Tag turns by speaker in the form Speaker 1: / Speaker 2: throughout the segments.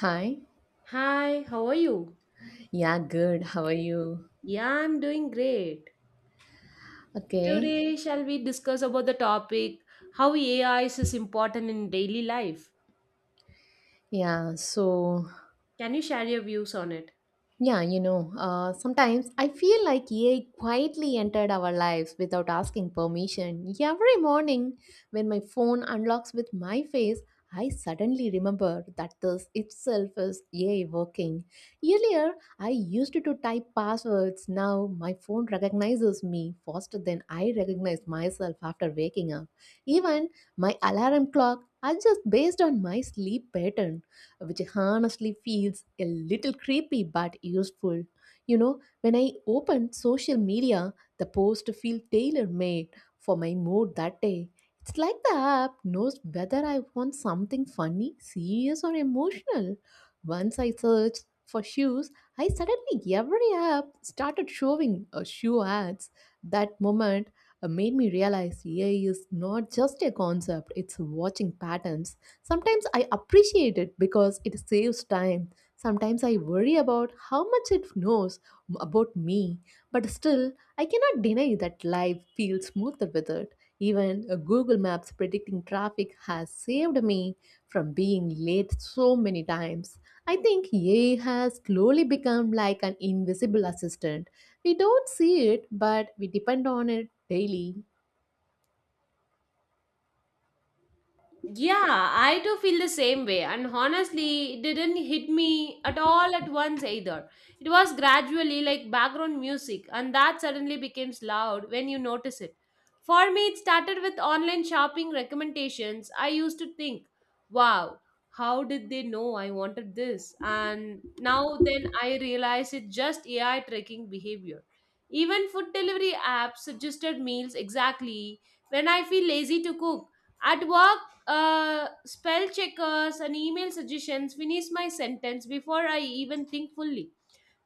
Speaker 1: Hi.
Speaker 2: Hi, how are you?
Speaker 1: Yeah, good. How are you?
Speaker 2: Yeah, I'm doing great.
Speaker 1: Okay.
Speaker 2: Today, shall we discuss about the topic how AI is important in daily life?
Speaker 1: Yeah, so
Speaker 2: Can you share your views on it?
Speaker 1: Sometimes I feel like AI quietly entered our lives without asking permission. Every morning, when my phone unlocks with my face, I suddenly remember that this itself is AI working. Earlier, I used to type passwords. Now, my phone recognizes me faster than I recognize myself after waking up. Even my alarm clock adjusts based on my sleep pattern, which honestly feels a little creepy but useful. You know, when I open social media, the post feel tailor-made for my mood that day. It's like the app knows whether I want something funny, serious, or emotional. Once I searched for shoes, I suddenly every app started showing shoe ads. That moment made me realize AI is not just a concept, it's watching patterns. Sometimes I appreciate it because it saves time. Sometimes I worry about how much it knows about me, but still, I cannot deny that life feels smoother with it. Even Google Maps predicting traffic has saved me from being late so many times. I think AI has slowly become like an invisible assistant. We don't see it, but we depend on it daily.
Speaker 2: Yeah, I do feel the same way, and honestly, it didn't hit me at all at once either. It was gradually like background music, and that suddenly becomes loud when you notice it. For me, it started with online shopping recommendations. I used to think, wow, how did they know I wanted this? And now then I realize it's just AI tracking behavior. Even food delivery apps suggested meals exactly when I feel lazy to cook. At work, spell checkers and email suggestions finish my sentence before I even think fully.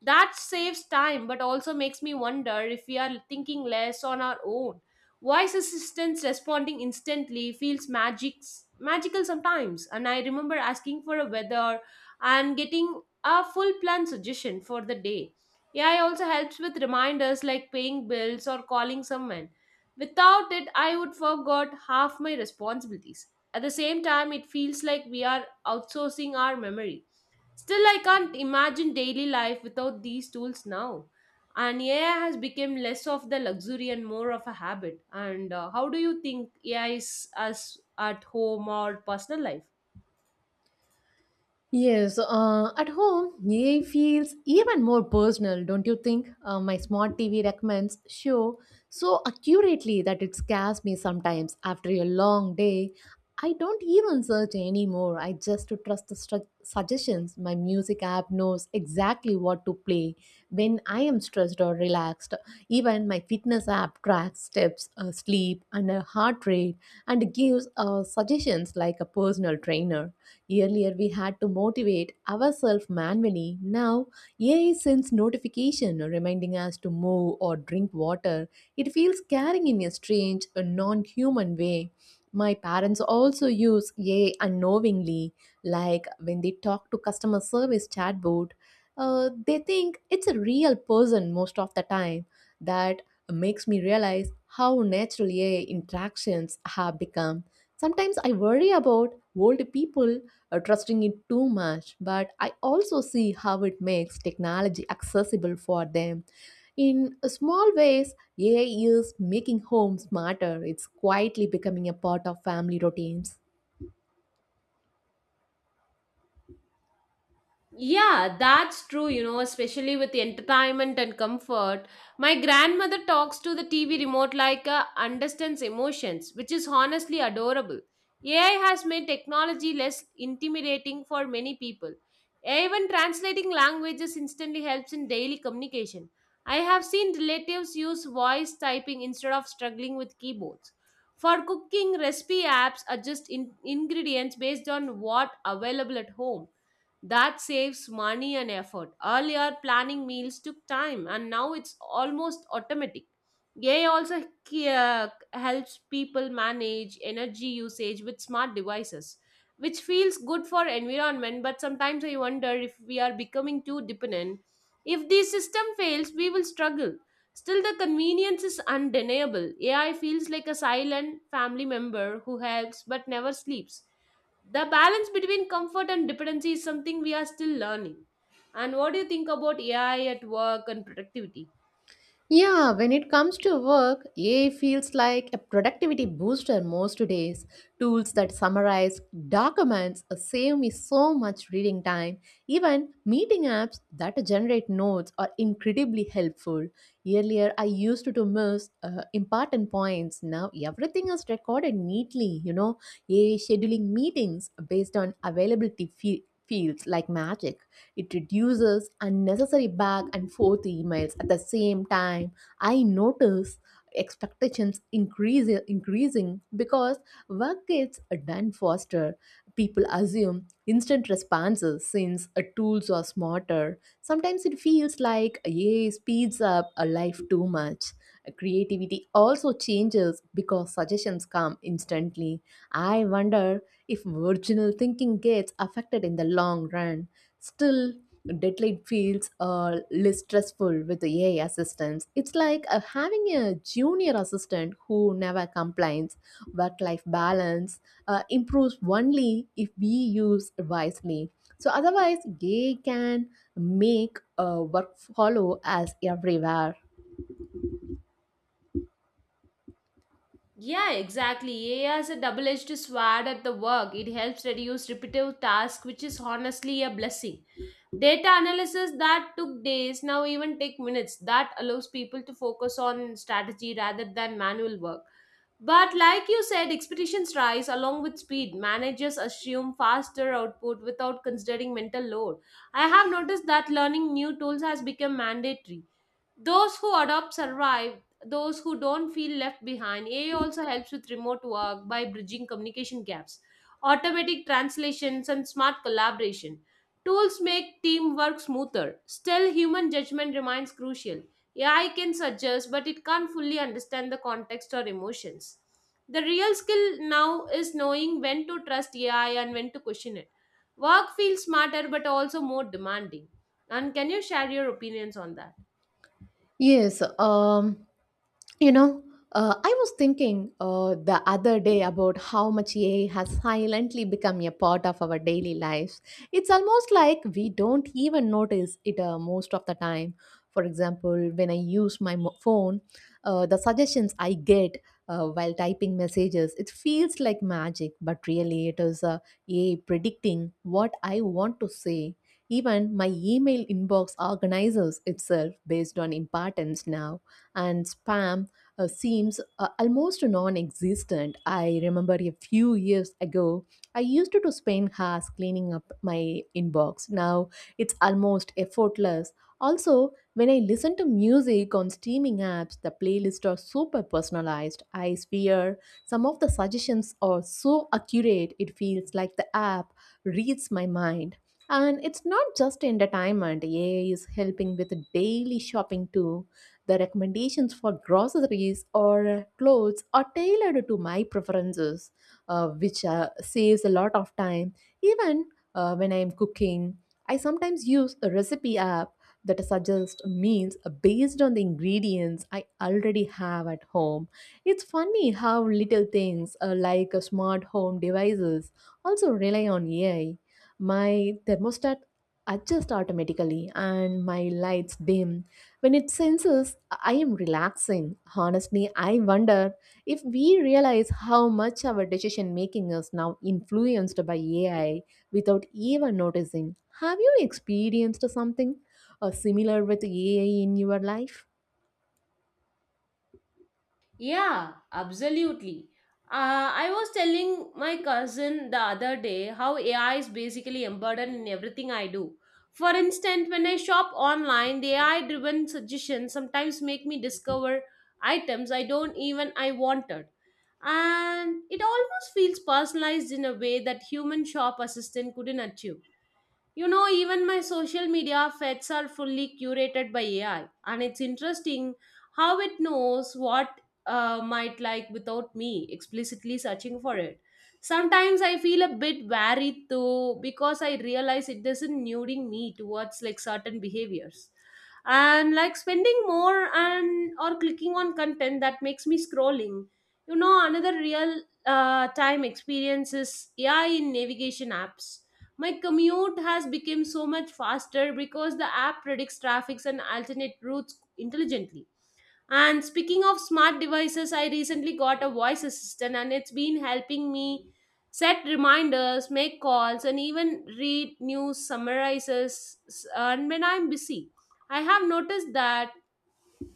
Speaker 2: That saves time, but also makes me wonder if we are thinking less on our own. Voice assistants responding instantly feels magical sometimes. And I remember asking for a weather and getting a full plan suggestion for the day. AI also helps with reminders like paying bills or calling someone. Without it, I would forgot half my responsibilities. At the same time, it feels like we are outsourcing our memories. Still, I can't imagine daily life without these tools now. And AI has become less of the luxury and more of a habit. And how do you think AI is us at home or personal life?
Speaker 1: Yes, at home, AI feels even more personal, don't you think? My smart TV recommends show so accurately that it scares me sometimes after a long day. I don't even search anymore. I just trust the suggestions. My music app knows exactly what to play when I am stressed or relaxed. Even my fitness app tracks steps, sleep, and heart rate, and gives suggestions like a personal trainer. Earlier, we had to motivate ourselves manually. Now, AI sends notification reminding us to move or drink water. It feels carrying in a strange, a non-human way. My parents also use AI unknowingly, like when they talk to customer service chatbot. They think it's a real person most of the time. That makes me realize how natural AI interactions have become. Sometimes I worry about old people trusting it too much, but I also see how it makes technology accessible for them. In small ways, AI is making homes smarter. It's quietly becoming a part of family routines.
Speaker 2: Yeah, that's true, especially with the entertainment and comfort. My grandmother talks to the TV remote like understands emotions, which is honestly adorable. AI has made technology less intimidating for many people. Even translating languages instantly helps in daily communication. I have seen relatives use voice typing instead of struggling with keyboards. For cooking, recipe apps adjust ingredients based on what available at home. That saves money and effort. Earlier, planning meals took time, and now it's almost automatic. AI also helps people manage energy usage with smart devices, which feels good for environment. But sometimes I wonder if we are becoming too dependent. If the system fails, we will struggle. Still, the convenience is undeniable. AI feels like a silent family member who helps but never sleeps. The balance between comfort and dependency is something we are still learning. And what do you think about AI at work and productivity?
Speaker 1: Yeah, when it comes to work, AI feels like a productivity booster most days. Tools that summarize documents save me so much reading time. Even meeting apps that generate notes are incredibly helpful. Earlier, I used to miss important points. Now, everything is recorded neatly. You know, AI scheduling meetings based on availability feels like magic. It reduces unnecessary back and forth emails. At the same time, I notice expectations increasing because work gets done faster. People assume instant responses since tools are smarter. Sometimes it feels like AI speeds up a life too much. Creativity also changes because suggestions come instantly. I wonder if original thinking gets affected in the long run. Still, deadline feels less stressful with the AI assistants. It's like having a junior assistant who never complains. Work life balance improves only if we use wisely. So, otherwise, AI can make work follow us everywhere.
Speaker 2: Yeah, exactly. AI has a double-edged sword at the work. It helps reduce repetitive tasks, which is honestly a blessing. Data analysis that took days now even take minutes. That allows people to focus on strategy rather than manual work. But like you said, expectations rise along with speed. Managers assume faster output without considering mental load. I have noticed that learning new tools has become mandatory. Those who adopt survive, those who don't feel left behind. AI also helps with remote work by bridging communication gaps, automatic translations, and smart collaboration. Tools make teamwork smoother. Still, human judgment remains crucial. AI can suggest, but it can't fully understand the context or emotions. The real skill now is knowing when to trust AI and when to question it. Work feels smarter but also more demanding. And can you share your opinions on that?
Speaker 1: Yes, um, you know, I was thinking the other day about how much AI has silently become a part of our daily lives. It's almost like we don't even notice it most of the time. For example, when I use my phone, the suggestions I get while typing messages, it feels like magic, but really it is AI predicting what I want to say. Even my email inbox organizes itself based on importance now, and spam seems almost non existent. I remember a few years ago, I used to spend hours cleaning up my inbox. Now it's almost effortless. Also, when I listen to music on streaming apps, the playlists are super personalized. I swear some of the suggestions are so accurate, it feels like the app reads my mind. And it's not just entertainment. AI is helping with daily shopping too. The recommendations for groceries or clothes are tailored to my preferences, which saves a lot of time. Even when I'm cooking, I sometimes use a recipe app that suggests meals based on the ingredients I already have at home. It's funny how little things like smart home devices also rely on AI. My thermostat adjusts automatically and my lights dim when it senses I am relaxing. Honestly, I wonder if we realize how much our decision making is now influenced by AI without even noticing. Have you experienced something similar with AI in your life?
Speaker 2: Yeah, absolutely. I was telling my cousin the other day how AI is basically embedded in everything I do. For instance, when I shop online, the AI-driven suggestions sometimes make me discover items I don't even I wanted. And it almost feels personalized in a way that human shop assistant couldn't achieve. You know, even my social media feeds are fully curated by AI, and it's interesting how it knows what might like without me explicitly searching for it. Sometimes I feel a bit wary though because I realize it doesn't nuding me towards like certain behaviors. And like spending more and or clicking on content that makes me scrolling. You know, another real time experience is AI in navigation apps. My commute has become so much faster because the app predicts traffics and alternate routes intelligently. And speaking of smart devices, I recently got a voice assistant and it's been helping me set reminders, make calls, and even read news summarizes. And when I'm busy, I have noticed that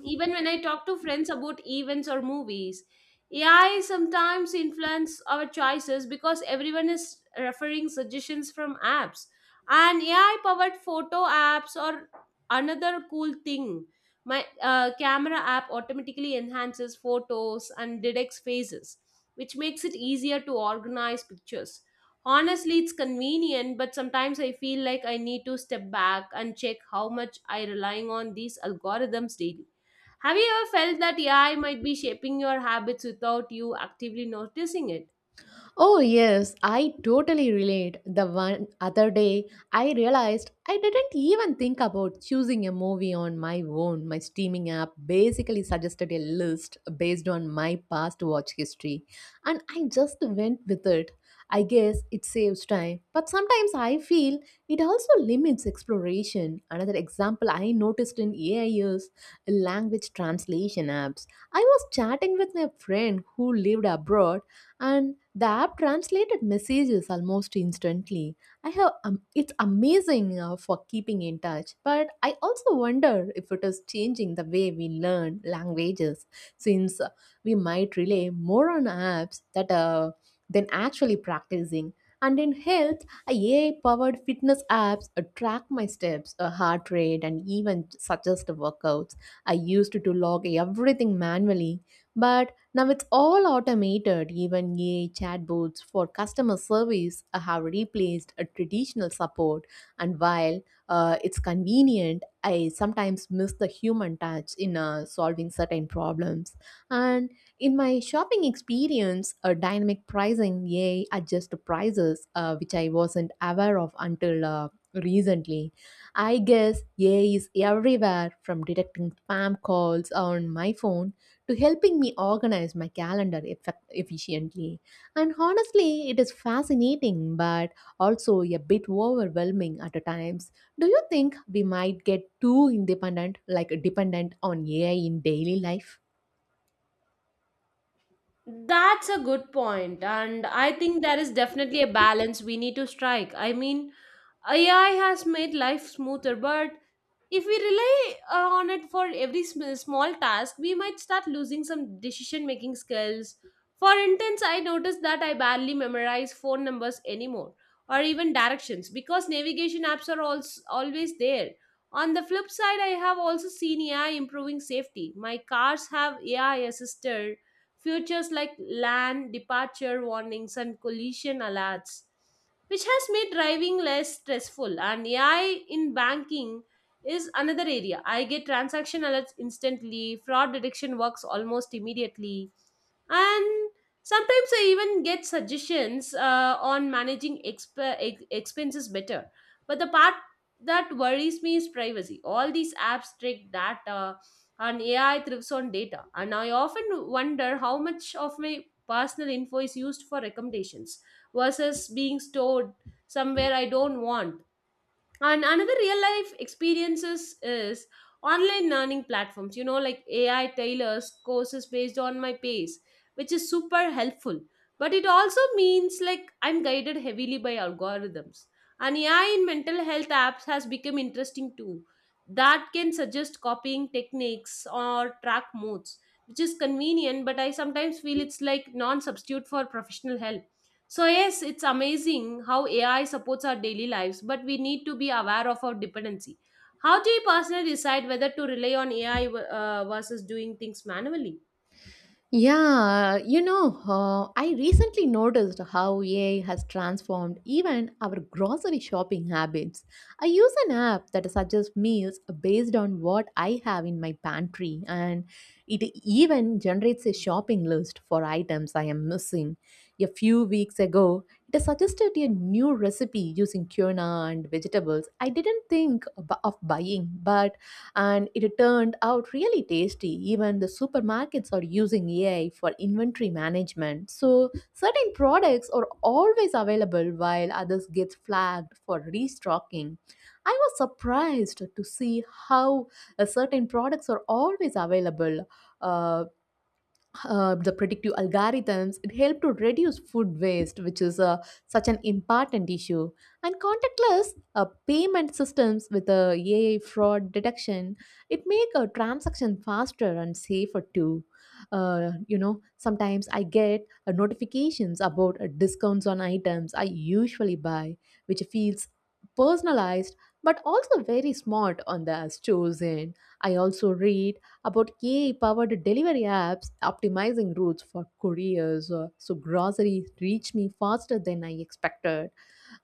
Speaker 2: even when I talk to friends about events or movies, AI sometimes influence our choices because everyone is referring suggestions from apps. And AI powered photo apps or another cool thing. My camera app automatically enhances photos and detects faces, which makes it easier to organize pictures. Honestly, it's convenient, but sometimes I feel like I need to step back and check how much I relying on these algorithms daily. Have you ever felt that AI might be shaping your habits without you actively noticing it?
Speaker 1: Oh, yes, I totally relate. The one other day, I realized I didn't even think about choosing a movie on my own. My streaming app basically suggested a list based on my past watch history, and I just went with it. I guess it saves time, but sometimes I feel it also limits exploration. Another example I noticed in AI is language translation apps. I was chatting with my friend who lived abroad and the app translated messages almost instantly. I have It's amazing for keeping in touch, but I also wonder if it is changing the way we learn languages since we might rely more on apps that than actually practicing. And in health, AI-powered fitness apps track my steps, heart rate, and even suggest workouts. I used to log everything manually, but now it's all automated. Even AI chatbots for customer service have replaced a traditional support. And while it's convenient, I sometimes miss the human touch in solving certain problems. And in my shopping experience, a dynamic pricing AI adjusts the prices, which I wasn't aware of until recently. I guess AI is everywhere, from detecting spam calls on my phone to helping me organize my calendar efficiently. And honestly, it is fascinating but also a bit overwhelming at times. Do you think we might get too independent, like dependent on AI in daily life?
Speaker 2: That's a good point, and I think there is definitely a balance we need to strike. I mean, AI has made life smoother, but if we rely on it for every small task, we might start losing some decision making skills. For instance, I noticed that I barely memorize phone numbers anymore or even directions because navigation apps are also always there. On the flip side, I have also seen AI improving safety. My cars have AI assisted features like land departure warnings and collision alerts, which has made driving less stressful. And AI in banking is another area. I get transaction alerts instantly, fraud detection works almost immediately, and sometimes I even get suggestions on managing expenses better. But the part that worries me is privacy. All these apps track data, and AI thrives on data, and I often wonder how much of my personal info is used for recommendations versus being stored somewhere I don't want. And another real life experiences is online learning platforms. Like, AI tailors courses based on my pace, which is super helpful. But it also means like I'm guided heavily by algorithms. And AI in mental health apps has become interesting too. That can suggest copying techniques or track modes, which is convenient, but I sometimes feel it's like non substitute for professional help. So, yes, it's amazing how AI supports our daily lives, but we need to be aware of our dependency. How do you personally decide whether to rely on AI versus doing things manually?
Speaker 1: Yeah, you know, I recently noticed how AI has transformed even our grocery shopping habits. I use an app that suggests meals based on what I have in my pantry, and it even generates a shopping list for items I am missing. A few weeks ago, it suggested a new recipe using tuna and vegetables I didn't think of buying, but and it turned out really tasty. Even the supermarkets are using AI for inventory management. So, certain products are always available while others get flagged for restocking. I was surprised to see how certain products are always available uh, the predictive algorithms it help to reduce food waste, which is such an important issue. And contactless payment systems with AI fraud detection, it make a transaction faster and safer too. You know, sometimes I get notifications about discounts on items I usually buy, which feels personalized but also very smart on the stores end. I also read about AI-powered delivery apps optimizing routes for couriers, so groceries reach me faster than I expected.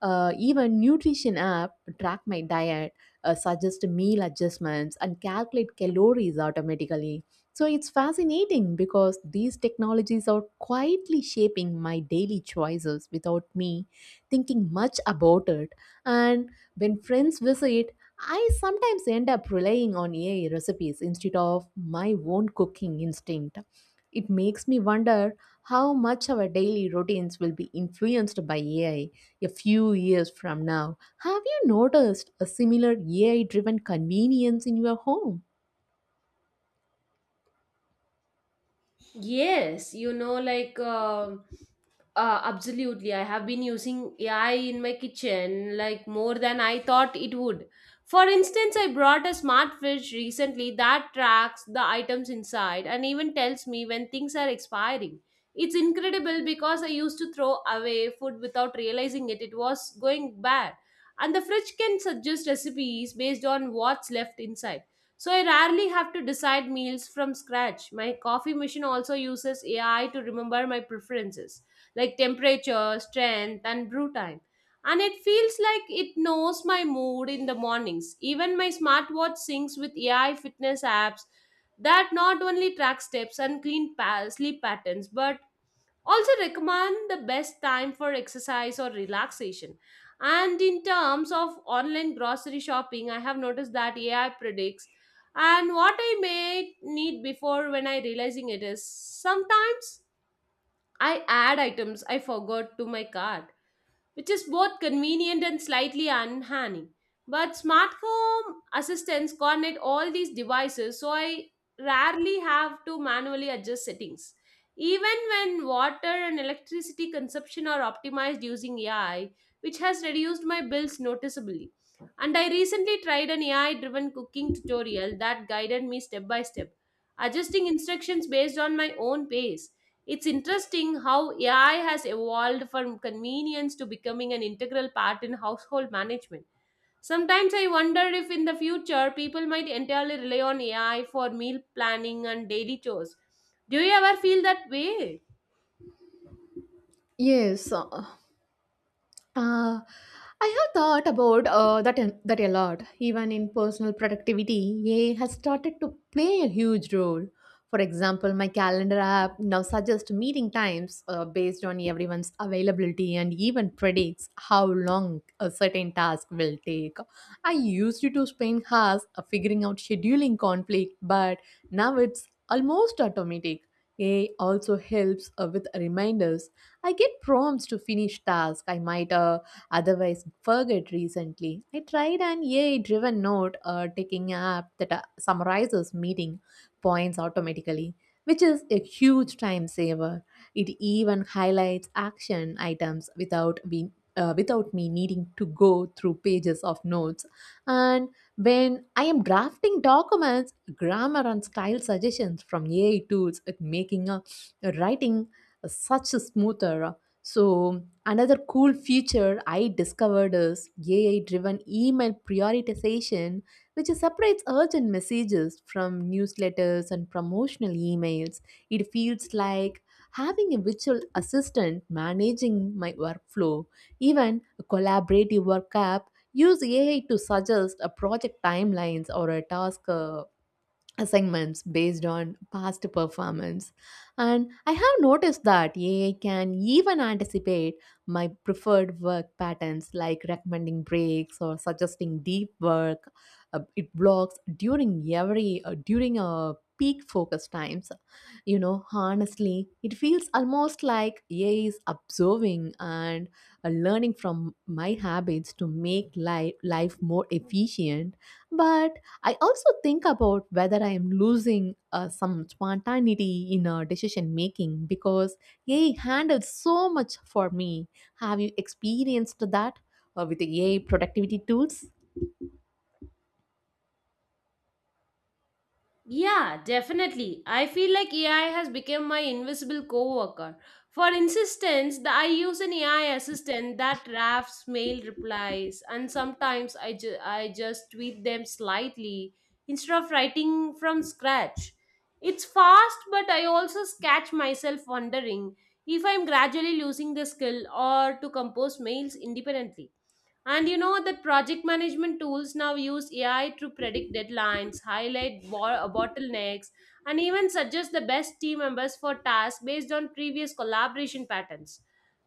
Speaker 1: Even nutrition app track my diet, suggest meal adjustments, and calculate calories automatically. So it's fascinating because these technologies are quietly shaping my daily choices without me thinking much about it. And when friends visit, I sometimes end up relying on AI recipes instead of my own cooking instinct. It makes me wonder how much our daily routines will be influenced by AI a few years from now. Have you noticed a similar AI driven convenience in your home?
Speaker 2: Yes, absolutely. I have been using AI in my kitchen like more than I thought it would. For instance, I brought a smart fridge recently that tracks the items inside and even tells me when things are expiring. It's incredible because I used to throw away food without realizing it was going bad. And the fridge can suggest recipes based on what's left inside. So I rarely have to decide meals from scratch. My coffee machine also uses AI to remember my preferences like temperature, strength, and brew time. And it feels like it knows my mood in the mornings. Even my smartwatch syncs with AI fitness apps that not only track steps and sleep patterns, but also recommend the best time for exercise or relaxation. And in terms of online grocery shopping, I have noticed that AI predicts and what I may need before when I realizing it is sometimes I add items I forgot to my cart, which is both convenient and slightly unhandy. But smart home assistants coordinate all these devices, so I rarely have to manually adjust settings. Even when water and electricity consumption are optimized using AI, which has reduced my bills noticeably. And I recently tried an AI driven cooking tutorial that guided me step by step, adjusting instructions based on my own pace. It's interesting how AI has evolved from convenience to becoming an integral part in household management. Sometimes I wonder if in the future people might entirely rely on AI for meal planning and daily chores. Do you ever feel that way?
Speaker 1: Yes, uh, Uh, I have thought about that a lot. Even in personal productivity, AI has started to play a huge role. For example, my calendar app now suggests meeting times based on everyone's availability and even predicts how long a certain task will take. I used to spend hours figuring out scheduling conflict, but now it's almost automatic. AI also helps with reminders. I get prompts to finish tasks I might otherwise forget. Recently, I tried an AI-driven note taking app that summarizes meeting points automatically, which is a huge time saver. It even highlights action items without being without me needing to go through pages of notes. And when I am drafting documents, grammar and style suggestions from AI tools, it making a writing such a smoother. So, another cool feature I discovered is AI driven email prioritization, which separates urgent messages from newsletters and promotional emails. It feels like having a virtual assistant managing my workflow. Even a collaborative work app use AI to suggest a project timelines or a task assignments based on past performance. And I have noticed that AI can even anticipate my preferred work patterns like recommending breaks or suggesting deep work. It blocks during every during a peak focus times. You know, honestly, it feels almost like AI is observing and learning from my habits to make life more efficient, but I also think about whether I am losing some spontaneity in decision making because AI handles so much for me. Have you experienced that with the AI productivity tools?
Speaker 2: Yeah, definitely. I feel like AI has become my invisible coworker. For instance, I use an AI assistant that drafts mail replies, and sometimes I just tweak them slightly instead of writing from scratch. It's fast, but I also catch myself wondering if I'm gradually losing the skill or to compose mails independently. And you know that project management tools now use AI to predict deadlines, highlight bottlenecks, and even suggest the best team members for tasks based on previous collaboration patterns.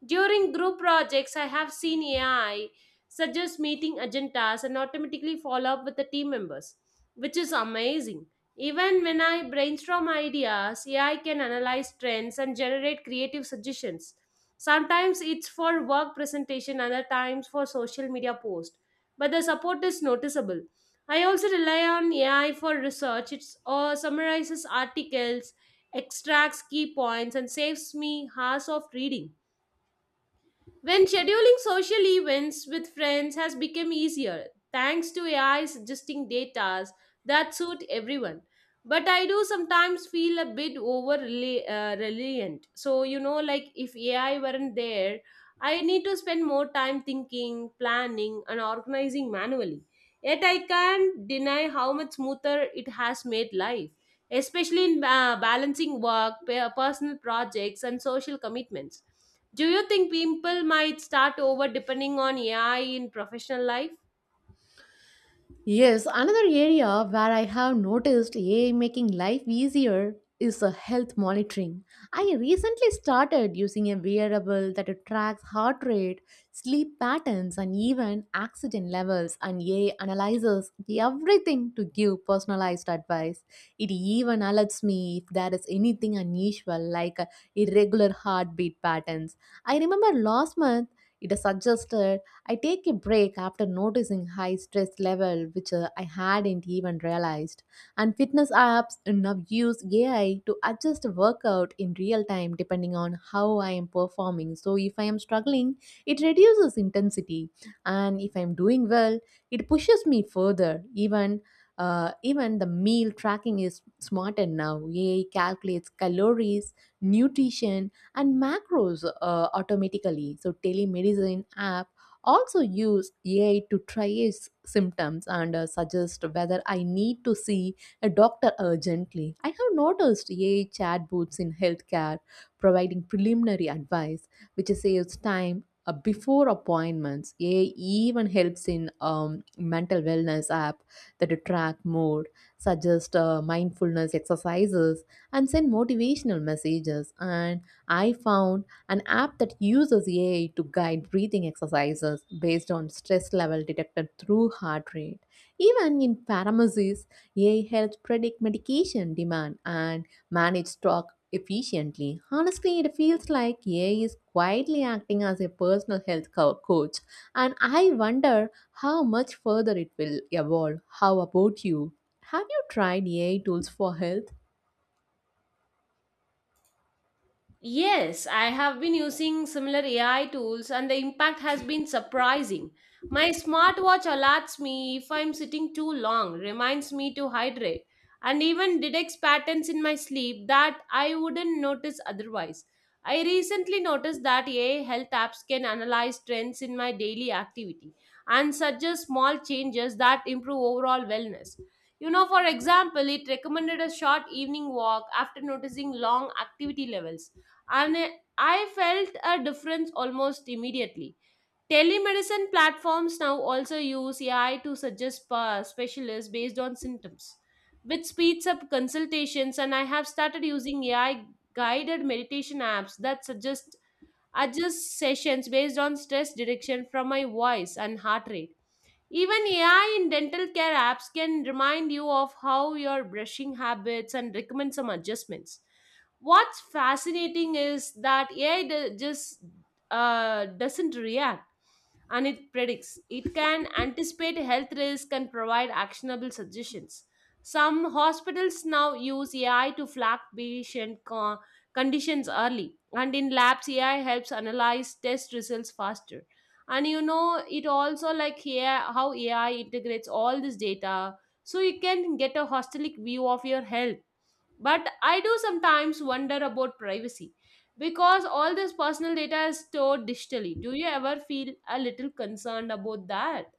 Speaker 2: During group projects, I have seen AI suggest meeting agendas and automatically follow up with the team members, which is amazing. Even when I brainstorm ideas, AI can analyze trends and generate creative suggestions. Sometimes it's for work presentation, other times for social media post. But the support is noticeable. I also rely on AI for research. It summarizes articles, extracts key points, and saves me hours of reading. When scheduling social events with friends has become easier thanks to AI suggesting datas that suit everyone. But I do sometimes feel a bit reliant. So, you know, like if AI weren't there, I need to spend more time thinking, planning, and organizing manually. Yet I can't deny how much smoother it has made life, especially in balancing work, personal projects, and social commitments. Do you think people might start over depending on AI in professional life?
Speaker 1: Yes, another area where I have noticed AI making life easier is health monitoring. I recently started using a wearable that tracks heart rate, sleep patterns, and even oxygen levels, and AI analyzes everything to give personalized advice. It even alerts me if there is anything unusual, like irregular heartbeat patterns. I remember last month it suggested I take a break after noticing high stress level, which I hadn't even realized. And fitness apps now use AI to adjust workout in real time depending on how I am performing. So if I am struggling, it reduces intensity, and if I am doing well, it pushes me further. Even the meal tracking is smarter now. AI calculates calories, nutrition, and macros automatically. So telemedicine app also use AI to triage symptoms and suggest whether I need to see a doctor urgently. I have noticed AI chatbots in healthcare providing preliminary advice, which saves time before appointments. AI even helps in mental wellness app that track mood, suggest mindfulness exercises, and send motivational messages. And I found an app that uses AI to guide breathing exercises based on stress level detected through heart rate. Even in pharmacies, AI helps predict medication demand and manage stock efficiently. Honestly, it feels like AI is quietly acting as a personal health coach, and I wonder how much further it will evolve. How about you? Have you tried AI tools for health?
Speaker 2: Yes, I have been using similar AI tools and the impact has been surprising. My smartwatch alerts me if I'm sitting too long, reminds me to hydrate, and even detects patterns in my sleep that I wouldn't notice otherwise. I recently noticed that AI health apps can analyze trends in my daily activity and suggest small changes that improve overall wellness. You know, for example, it recommended a short evening walk after noticing long activity levels, and I felt a difference almost immediately. Telemedicine platforms now also use AI to suggest specialists based on symptoms, which speeds up consultations. And I have started using AI guided meditation apps that suggest adjust sessions based on stress direction from my voice and heart rate. Even AI in dental care apps can remind you of how your brushing habits and recommend some adjustments. What's fascinating is that AI do- just uh, doesn't react and it predicts. It can anticipate health risk and provide actionable suggestions. Some hospitals now use AI to flag patient conditions early, and in labs, AI helps analyze test results faster. And you know, it also like here how AI integrates all this data so you can get a holistic view of your health, but I do sometimes wonder about privacy because all this personal data is stored digitally. Do you ever feel a little concerned about that?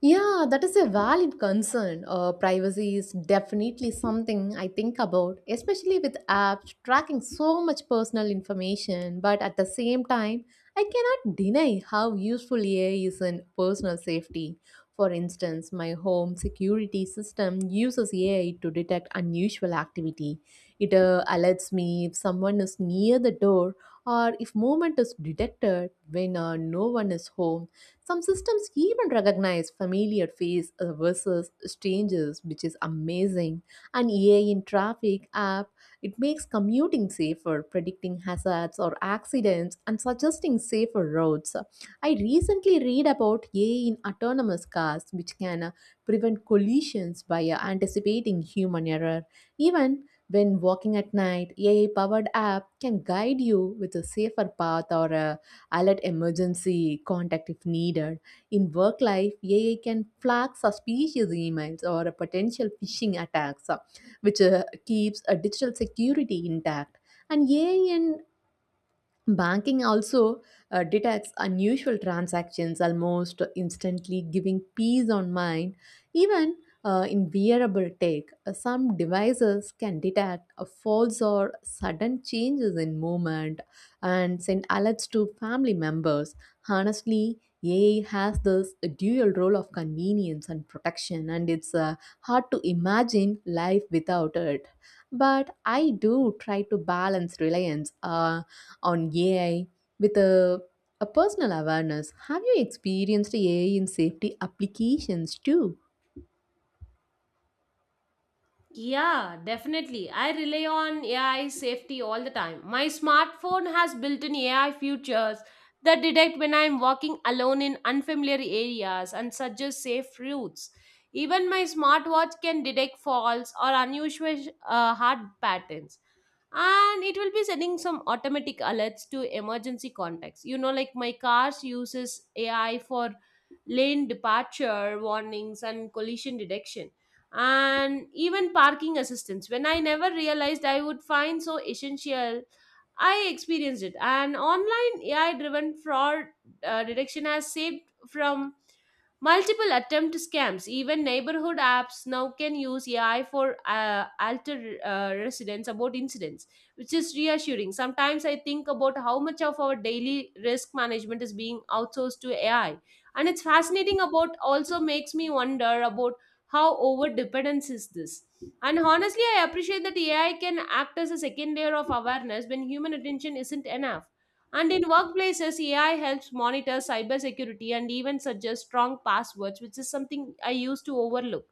Speaker 1: Yeah, that is a valid concern. Privacy is definitely something I think about, especially with apps tracking so much personal information. But at the same time, I cannot deny how useful AI is in personal safety. For instance, my home security system uses AI to detect unusual activity. It alerts me if someone is near the door or if movement is detected when no one is home. Some systems even recognize familiar face versus strangers, which is amazing. And AI in traffic app, it makes commuting safer, predicting hazards or accidents, and suggesting safer roads. I recently read about AI in autonomous cars, which can prevent collisions by anticipating human error. Even when walking at night, AI powered app can guide you with a safer path or a alert emergency contact if needed. In work life, AI can flag suspicious emails or potential phishing attacks, which keeps a digital security intact. And AI and Banking also detects unusual transactions almost instantly, giving peace on mind. Even in wearable tech, some devices can detect a false or sudden changes in movement and send alerts to family members. Honestly, AI has this dual role of convenience and protection, and it's hard to imagine life without it. But I do try to balance reliance on AI with a personal awareness. Have you experienced AI in safety applications too?
Speaker 2: Yeah, definitely. I rely on AI safety all the time. My smartphone has built in AI features that detect when I am walking alone in unfamiliar areas and suggest safe routes. Even my smartwatch can detect false or unusual heart patterns. And it will be sending some automatic alerts to emergency contacts. You know, like my car's uses AI for lane departure warnings and collision detection and even parking assistance when I never realized I would find so essential. I experienced it. And online AI driven fraud detection has saved from multiple attempt scams. Even neighborhood apps now can use AI for alter residents about incidents, which is reassuring. Sometimes I think about how much of our daily risk management is being outsourced to AI, and it's fascinating. About also makes me wonder about how over dependence is this. And honestly, I appreciate that AI can act as a second layer of awareness when human attention isn't enough. And in workplaces, AI helps monitor cybersecurity and even suggest strong passwords, which is something I used to overlook.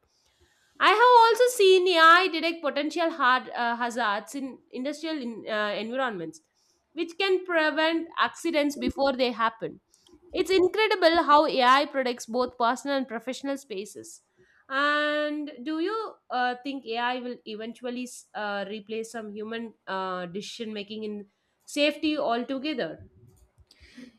Speaker 2: I have also seen AI detect potential hazards in industrial environments, which can prevent accidents before they happen. It's incredible how AI protects both personal and professional spaces. And do you think AI will eventually replace some human decision making in safety altogether?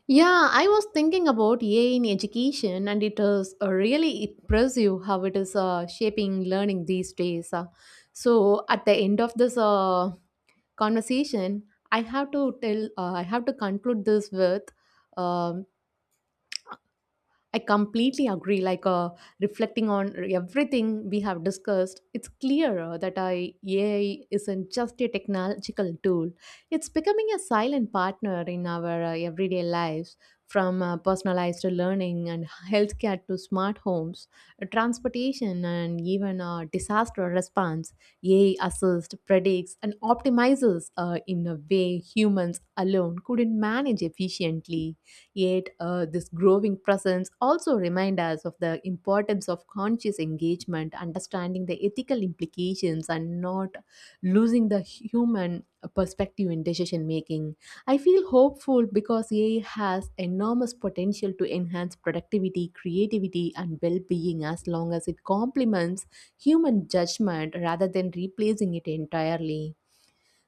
Speaker 1: Yeah, I was thinking about AI in education, and it is really impressive how it is shaping learning these days. So, at the end of this conversation, I have to conclude this with um, I completely agree. Reflecting on everything we have discussed, it's clear that AI isn't just a technological tool. It's becoming a silent partner in our everyday lives, from personalized learning and healthcare to smart homes, transportation, and even disaster response. AI assists, predicts, and optimizes in a way humans alone couldn't manage efficiently. Yet, this growing presence also reminds us of the importance of conscious engagement, understanding the ethical implications, and not losing the human perspective in decision making. I feel hopeful because AI has enormous potential to enhance productivity, creativity, and well being as long as it complements human judgment rather than replacing it entirely.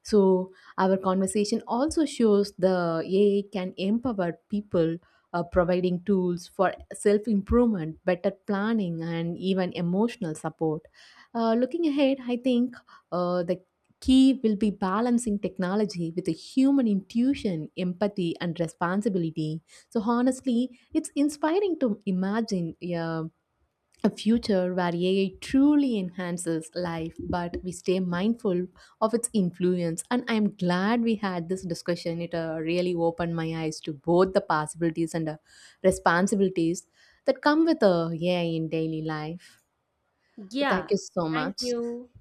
Speaker 1: So, our conversation also shows the AI can empower people, providing tools for self improvement, better planning, and even emotional support. Looking ahead, I think the key will be balancing technology with a human intuition, empathy, and responsibility. So, honestly, it's inspiring to imagine a future where AI truly enhances life, but we stay mindful of its influence. And I'm glad we had this discussion. It really opened my eyes to both the possibilities and responsibilities that come with AI in daily life.
Speaker 2: Yeah,
Speaker 1: Thank you so
Speaker 2: thank
Speaker 1: much.
Speaker 2: you.